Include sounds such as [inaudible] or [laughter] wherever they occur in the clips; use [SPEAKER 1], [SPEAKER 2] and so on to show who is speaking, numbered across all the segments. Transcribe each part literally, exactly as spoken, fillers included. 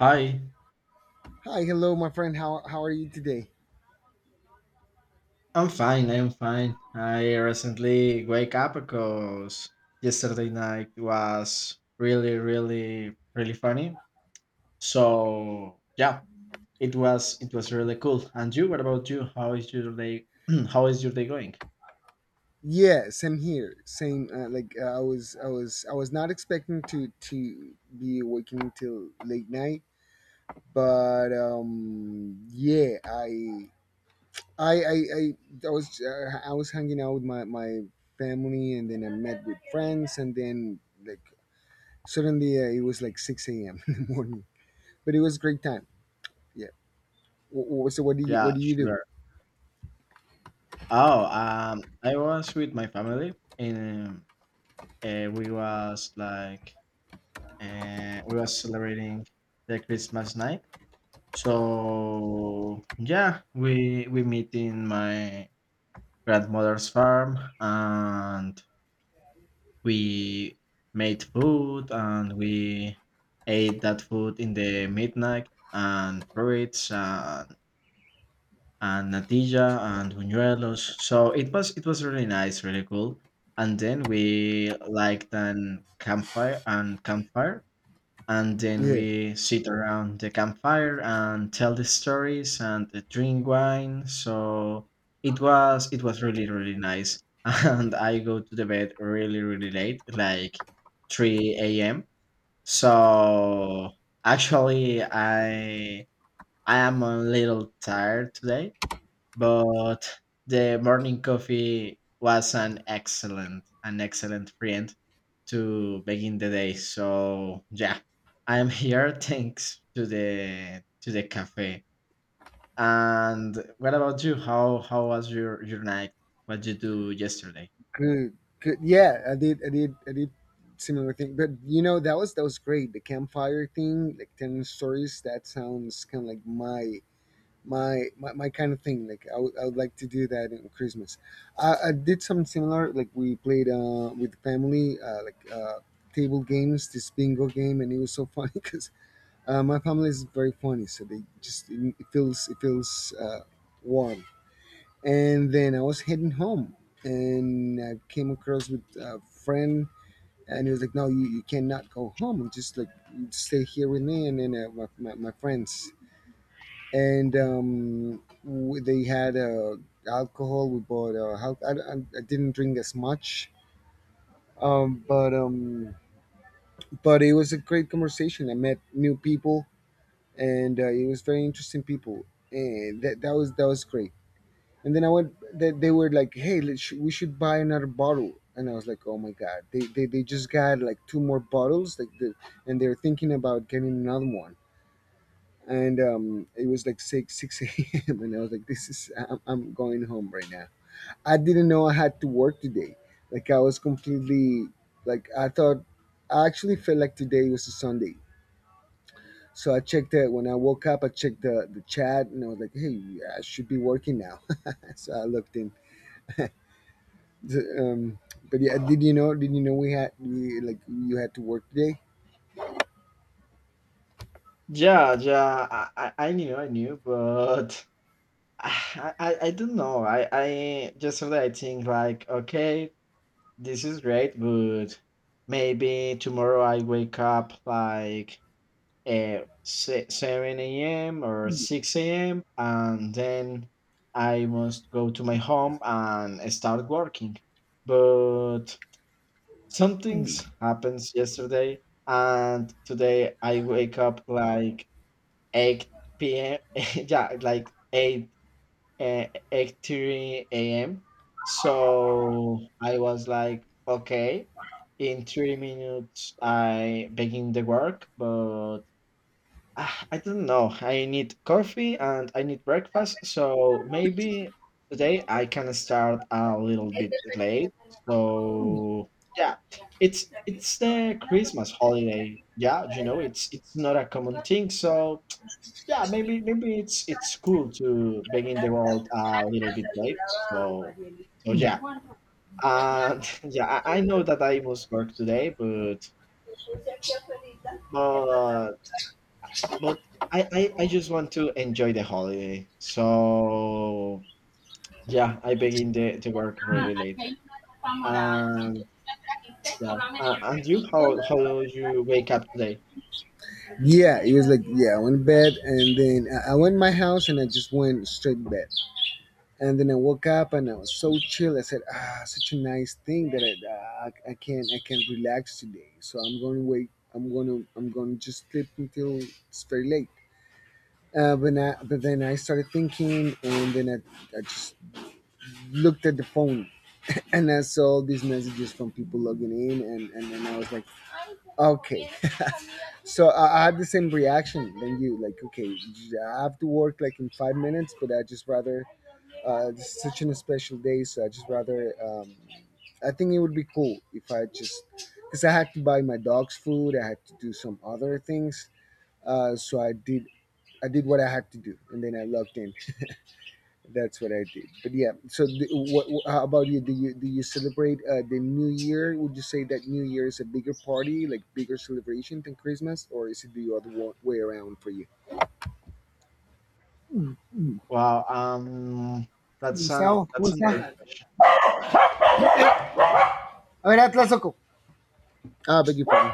[SPEAKER 1] Hi,
[SPEAKER 2] Hi, hello, my friend. How how are you today?
[SPEAKER 1] I'm fine. I'm fine. I recently wake up because yesterday night was really, really, really funny. So yeah, it was it was really cool. And you? What about you? How is your day? [clears throat] How is your day going?
[SPEAKER 2] Yes, I'm here. Same. Uh, like uh, I was, I was, I was not expecting to to be working till late night, but um, yeah, I, I, I, I, I was, uh, I was hanging out with my my family, and then I met with friends, and then like suddenly uh, it was like six a.m. [laughs] in the morning, but it was a great time. Yeah. Wh- wh- So what do you what
[SPEAKER 1] Yeah,
[SPEAKER 2] do you
[SPEAKER 1] sure. Oh, um, I was with my family and uh, we was like uh, we was celebrating the Christmas night. So yeah, we we meet in my grandmother's farm and we made food and we ate that food in the midnight and fruits and and natilla and buñuelos. So it was it was really nice, really cool. And then we liked an campfire and campfire and then
[SPEAKER 2] do?
[SPEAKER 1] we sit around the campfire and tell the stories and uh, drink wine. So it was it was really really nice. [laughs] And I go to the bed really really late, like three a m a.m. So actually i i am a little tired today, but the morning coffee was an excellent an excellent friend to begin the day. So yeah, I'm here. [laughs] Thanks to the to the cafe. And what about you? How how was your your night? What did you do yesterday?
[SPEAKER 2] Good, good. Yeah, I did, I did, I did similar thing. But you know, that was that was great. The campfire thing, like telling stories. That sounds kind of like my my my, my kind of thing. Like I would I would like to do that in Christmas. I, I did something similar. Like we played uh with the family, uh, like uh table games, this bingo game, and it was so funny [laughs] because uh, my family is very funny, so they just it feels it feels uh warm, and then I was heading home and I came across with a friend, and he was like, no, you, you cannot go home. Just like stay here with me and then uh, my, my, my friends. And um, w- they had uh, alcohol. We bought uh, hal- I, I I didn't drink as much. Um, but um, but it was a great conversation. I met new people, and uh, it was very interesting people. And that, that was that was great. And then I went, they, they were like, hey, let's, sh- we should buy another bottle. And I was like, oh my God, they, they, they just got like two more bottles. like the, And they're thinking about getting another one. And um, it was like 6, six [laughs] a m. And I was like, this is, I'm, I'm going home right now. I didn't know I had to work today. Like I was completely, like I thought, I actually felt like today was a Sunday. So I checked that when I woke up. I checked the, the chat, and I was like, hey, I should be working now. [laughs] So I looked in. Um, but yeah, did you know? Did you know we had we like you had to work today?
[SPEAKER 1] Yeah, yeah, I, I I knew, I knew, but [sighs] I, I, I don't know. I, I Yesterday I think, like, okay, this is great, but maybe tomorrow I wake up like uh, se- seven a m or six a m and then I must go to my home and start working. But some things happens yesterday and today I wake up like eight p m [laughs] Yeah, like eight, uh, eight a m. So I was like, okay, in three minutes I begin the work, but ah, I don't know. I need coffee and I need breakfast. So maybe today I can start a little bit late. So yeah, it's it's the Christmas holiday. Yeah, you know, it's it's not a common thing. So yeah, maybe maybe it's it's cool to begin the world a little bit late. So so yeah. And [laughs] yeah, I, I know that I must work today, but but but I, I i just want to enjoy the holiday. So yeah, I begin the, the work
[SPEAKER 2] Ah,
[SPEAKER 1] really late. And yeah, uh, and you, how how do you wake up today?
[SPEAKER 2] yeah, it was like yeah. I went to bed, and then I I went to my house, and I just went straight to bed. And then I woke up and I was so chill. I said, ah, such a nice thing that I uh, I I can I can relax today. So I'm going to wait. I'm gonna I'm gonna just sleep until it's very late. Uh, but I, but then I started thinking, and then I, I just looked at the phone and I saw these messages from people logging in, and, and then I was like, okay. So I, I had the same reaction than you, like, okay, I have to work like in five minutes, but I just rather, uh, This is such an special day, so I just rather, um, I think it would be cool if I just, because I had to buy my dog's food, I had to do some other things, uh, so I did. I did what I had to do, and then I logged in. That's what I did. But yeah, so th- what, wh- how about you? Do you do you celebrate uh, the New Year? Would you say that New Year is a bigger party, like bigger celebration than Christmas, or is it the other wa- way around for you?
[SPEAKER 1] Well, um that's an
[SPEAKER 2] Gustavo, ¿cómo
[SPEAKER 1] that's a great
[SPEAKER 2] está?
[SPEAKER 1] question.
[SPEAKER 2] A ver, Atlas, loco. Ah, beg your pardon.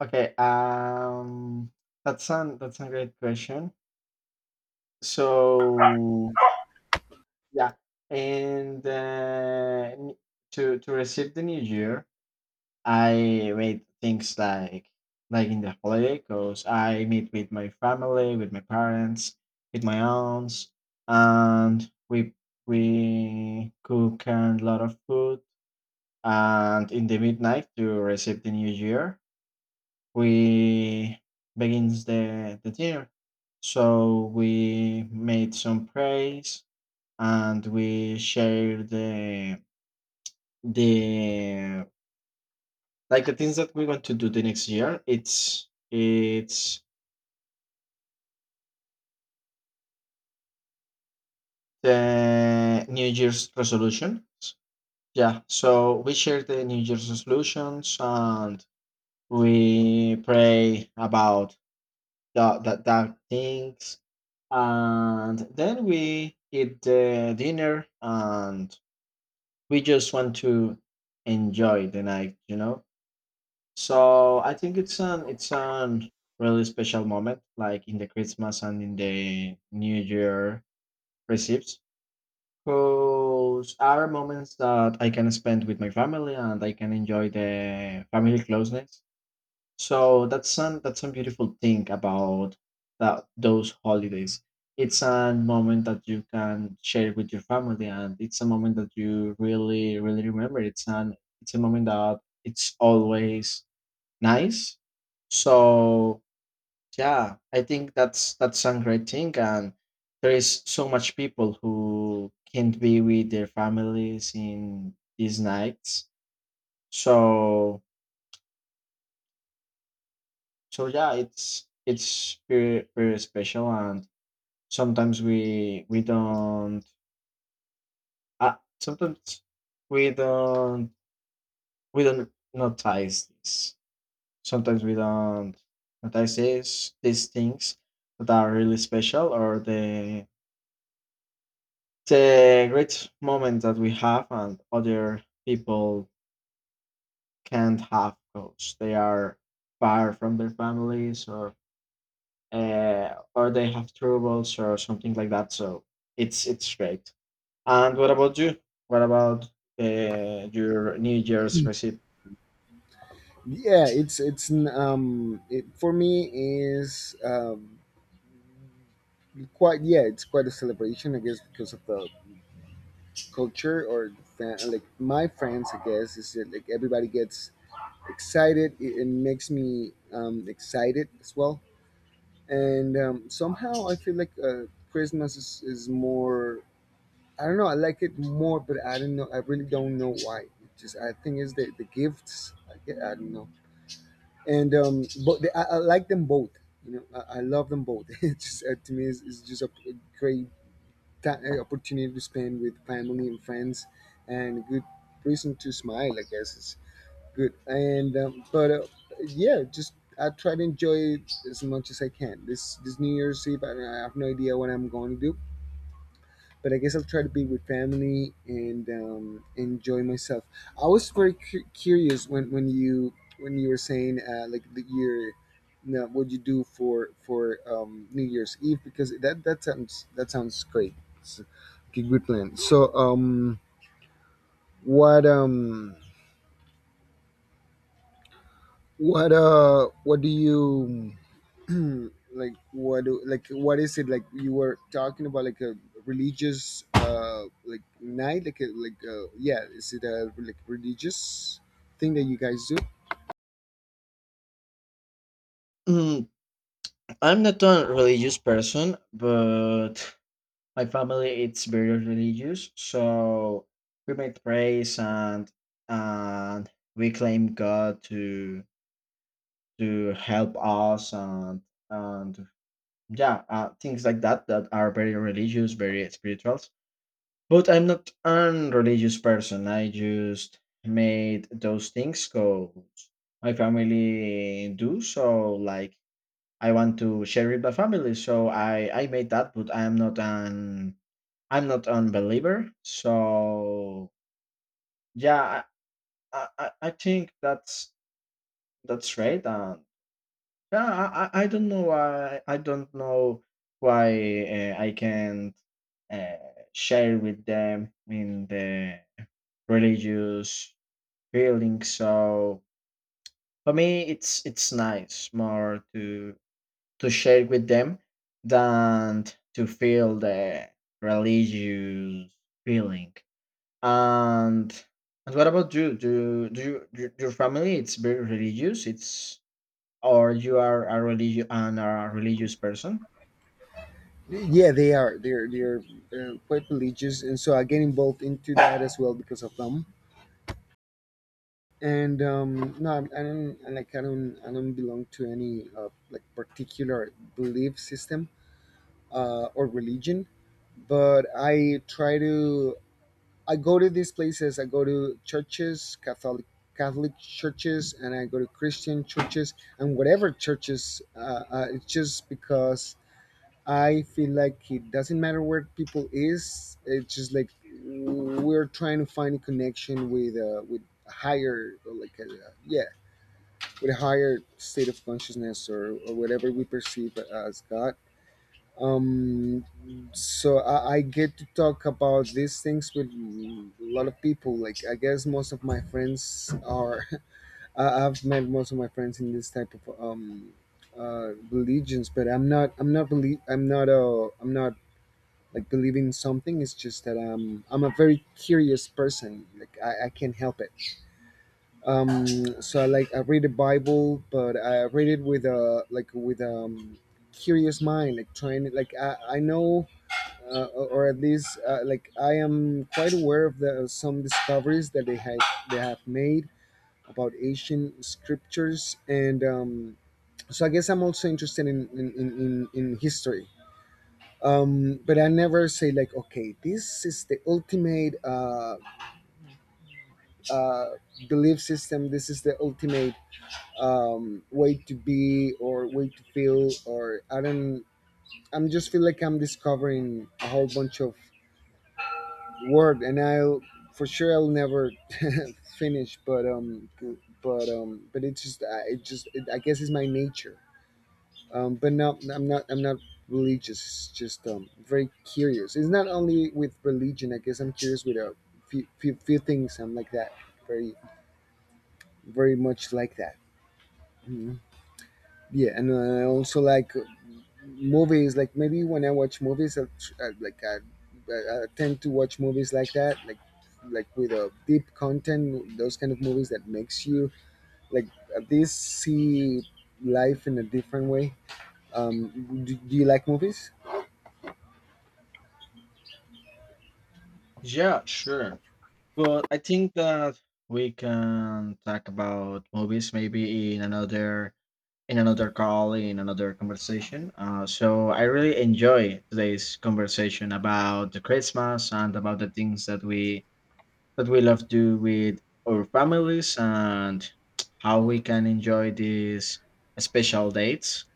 [SPEAKER 1] Okay, um, that's an that's a great question. So yeah, and uh, n- to to receive the new year, I made things like like in the holiday, cause I meet with my family, with my parents, with my aunts, and we we cook a lot of food. And in the midnight to receive the new year, we begins the the year. So we made some praise and we shared the the like the things that we want to do the next year. It's it's the New Year's resolutions. Yeah. So we share the New Year's resolutions and we pray about that that, that things, and then we eat the dinner and we just want to enjoy the night you know So I think it's an it's an really special moment, like in the christmas and in the new year recipes, because are moments that I can spend with my family and I can enjoy the family closeness. So that's some that's some beautiful thing about that those holidays. It's a moment that you can share with your family, and it's a moment that you really really remember. It's an it's a moment that it's always nice. So yeah, I think that's that's a great thing, and there is so much people who can't be with their families in these nights. So so yeah, it's it's very very special. And sometimes we we don't uh, sometimes we don't we don't notice this sometimes we don't notice this, these things that are really special, or the the great moments that we have and other people can't have because they are far from their families, or uh, or they have troubles or something like that. So it's it's great. And what about you? What about uh, your New Year's receipt?
[SPEAKER 2] Yeah, it's it's n- um it for me is um quite yeah it's quite a celebration, I guess, because of the culture or the fa- like my friends, I guess, is that like everybody gets excited. It, it makes me um, excited as well. And um, somehow I feel like uh, Christmas is, is more. I don't know. I like it more, but I don't know. I really don't know why. It just I think it's the, the gifts. I, get, I don't know. And um, but the, I, I like them both. You know, I, I love them both. [laughs] It's just uh, to me, it's, it's just a, a great ti- uh, opportunity to spend with family and friends, and a good reason to smile, I guess. Good, and um, but uh, yeah, just I try to enjoy it as much as I can. This this new year's eve, i, I have no idea what I'm going to do, but I guess I'll try to be with family and um, enjoy myself. I was very cu- curious when when you when you were saying uh, like the year you what you do for for um, new year's eve, because that that sounds that sounds great. It's a good plan. So um what um what uh what do you [clears throat] like what do, like what is it like? You were talking about like a religious uh like night, like a, like uh, yeah, is it a like religious thing that you guys do?
[SPEAKER 1] Mm, I'm not a religious person, but my family it's very religious, so we make praise, and and we claim God to to help us, and and yeah uh, things like that that are very religious, very spiritual. But I'm not an religious person. I just made those things because my family do so. Like I want to share with my family, so I I made that. But I'm not an I'm not an believer. So yeah, I I, I I think that's that's right. And yeah, I I I don't know why I don't know why uh, I can't uh, share with them in the religious feeling. So for me, it's it's nice more to to share with them than to feel the religious feeling. And and what about you? Do do you, your your family, it's very religious? It's or you are a religious and are a religious person?
[SPEAKER 2] Yeah, they are they're they're uh, quite religious, and so I get involved into that as well because of them. And um no, i I don't I like i don't I don't belong to any uh, like particular belief system uh or religion, but I try to. I go to these places. I go to churches, Catholic Catholic churches, and I go to Christian churches and whatever churches. Uh, uh, it's just because I feel like it doesn't matter where people is. It's just like we're trying to find a connection with uh, with a higher like a, yeah with a higher state of consciousness, or, or whatever we perceive as God. um so I, I get to talk about these things with a lot of people. Like I guess most of my friends are [laughs] I, I've met most of my friends in this type of um uh religions. But I'm not I'm not believe I'm not uh I'm not like believing something. It's just that i'm I'm a very curious person. Like i, I can't help it. um so I like I read the bible, but I read it with a like with um curious mind, like trying it. Like i I know uh, or at least uh, like I am quite aware of the some discoveries that they have they have made about ancient scriptures, and um, so I guess I'm also interested in in in, in, in history. Um, but I never say like, okay, this is the ultimate uh, uh, belief system. This is the ultimate um, way to be or way to feel. Or I don't. I'm just feel like I'm discovering a whole bunch of word, and I'll for sure I'll never [laughs] finish. But um b- but um but it's just I- it just it, i guess it's my nature. Um but no, i'm not I'm not religious. It's just um very curious. It's not only with religion. I guess I'm curious with a few few, few things. I'm like that, very very much like that. Mhm. Yeah, and I also like movies. Like maybe when I watch movies I, I, like I, I I tend to watch movies like that, like like with a deep content, those kind of movies that makes you like at least see life in a different way. Um do, do you like movies?
[SPEAKER 1] Yeah, sure. Well, I think that we can talk about movies maybe in another in another call, in another conversation. Uh, so I really enjoy today's conversation about the Christmas and about the things that we that we love to do with our families and how we can enjoy these special dates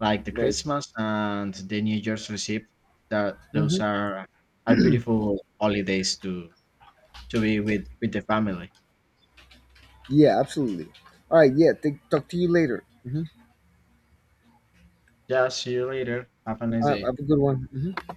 [SPEAKER 1] like the
[SPEAKER 2] Right.
[SPEAKER 1] Christmas and the New Year's receipt. That Those
[SPEAKER 2] Hmm.
[SPEAKER 1] are are beautiful holidays to to be with with the family.
[SPEAKER 2] Yeah, absolutely. All right. Yeah, take, talk to you later. Hmm.
[SPEAKER 1] Yeah, see you later. Have a nice
[SPEAKER 2] Uh,
[SPEAKER 1] day.
[SPEAKER 2] have a good one. Mhm.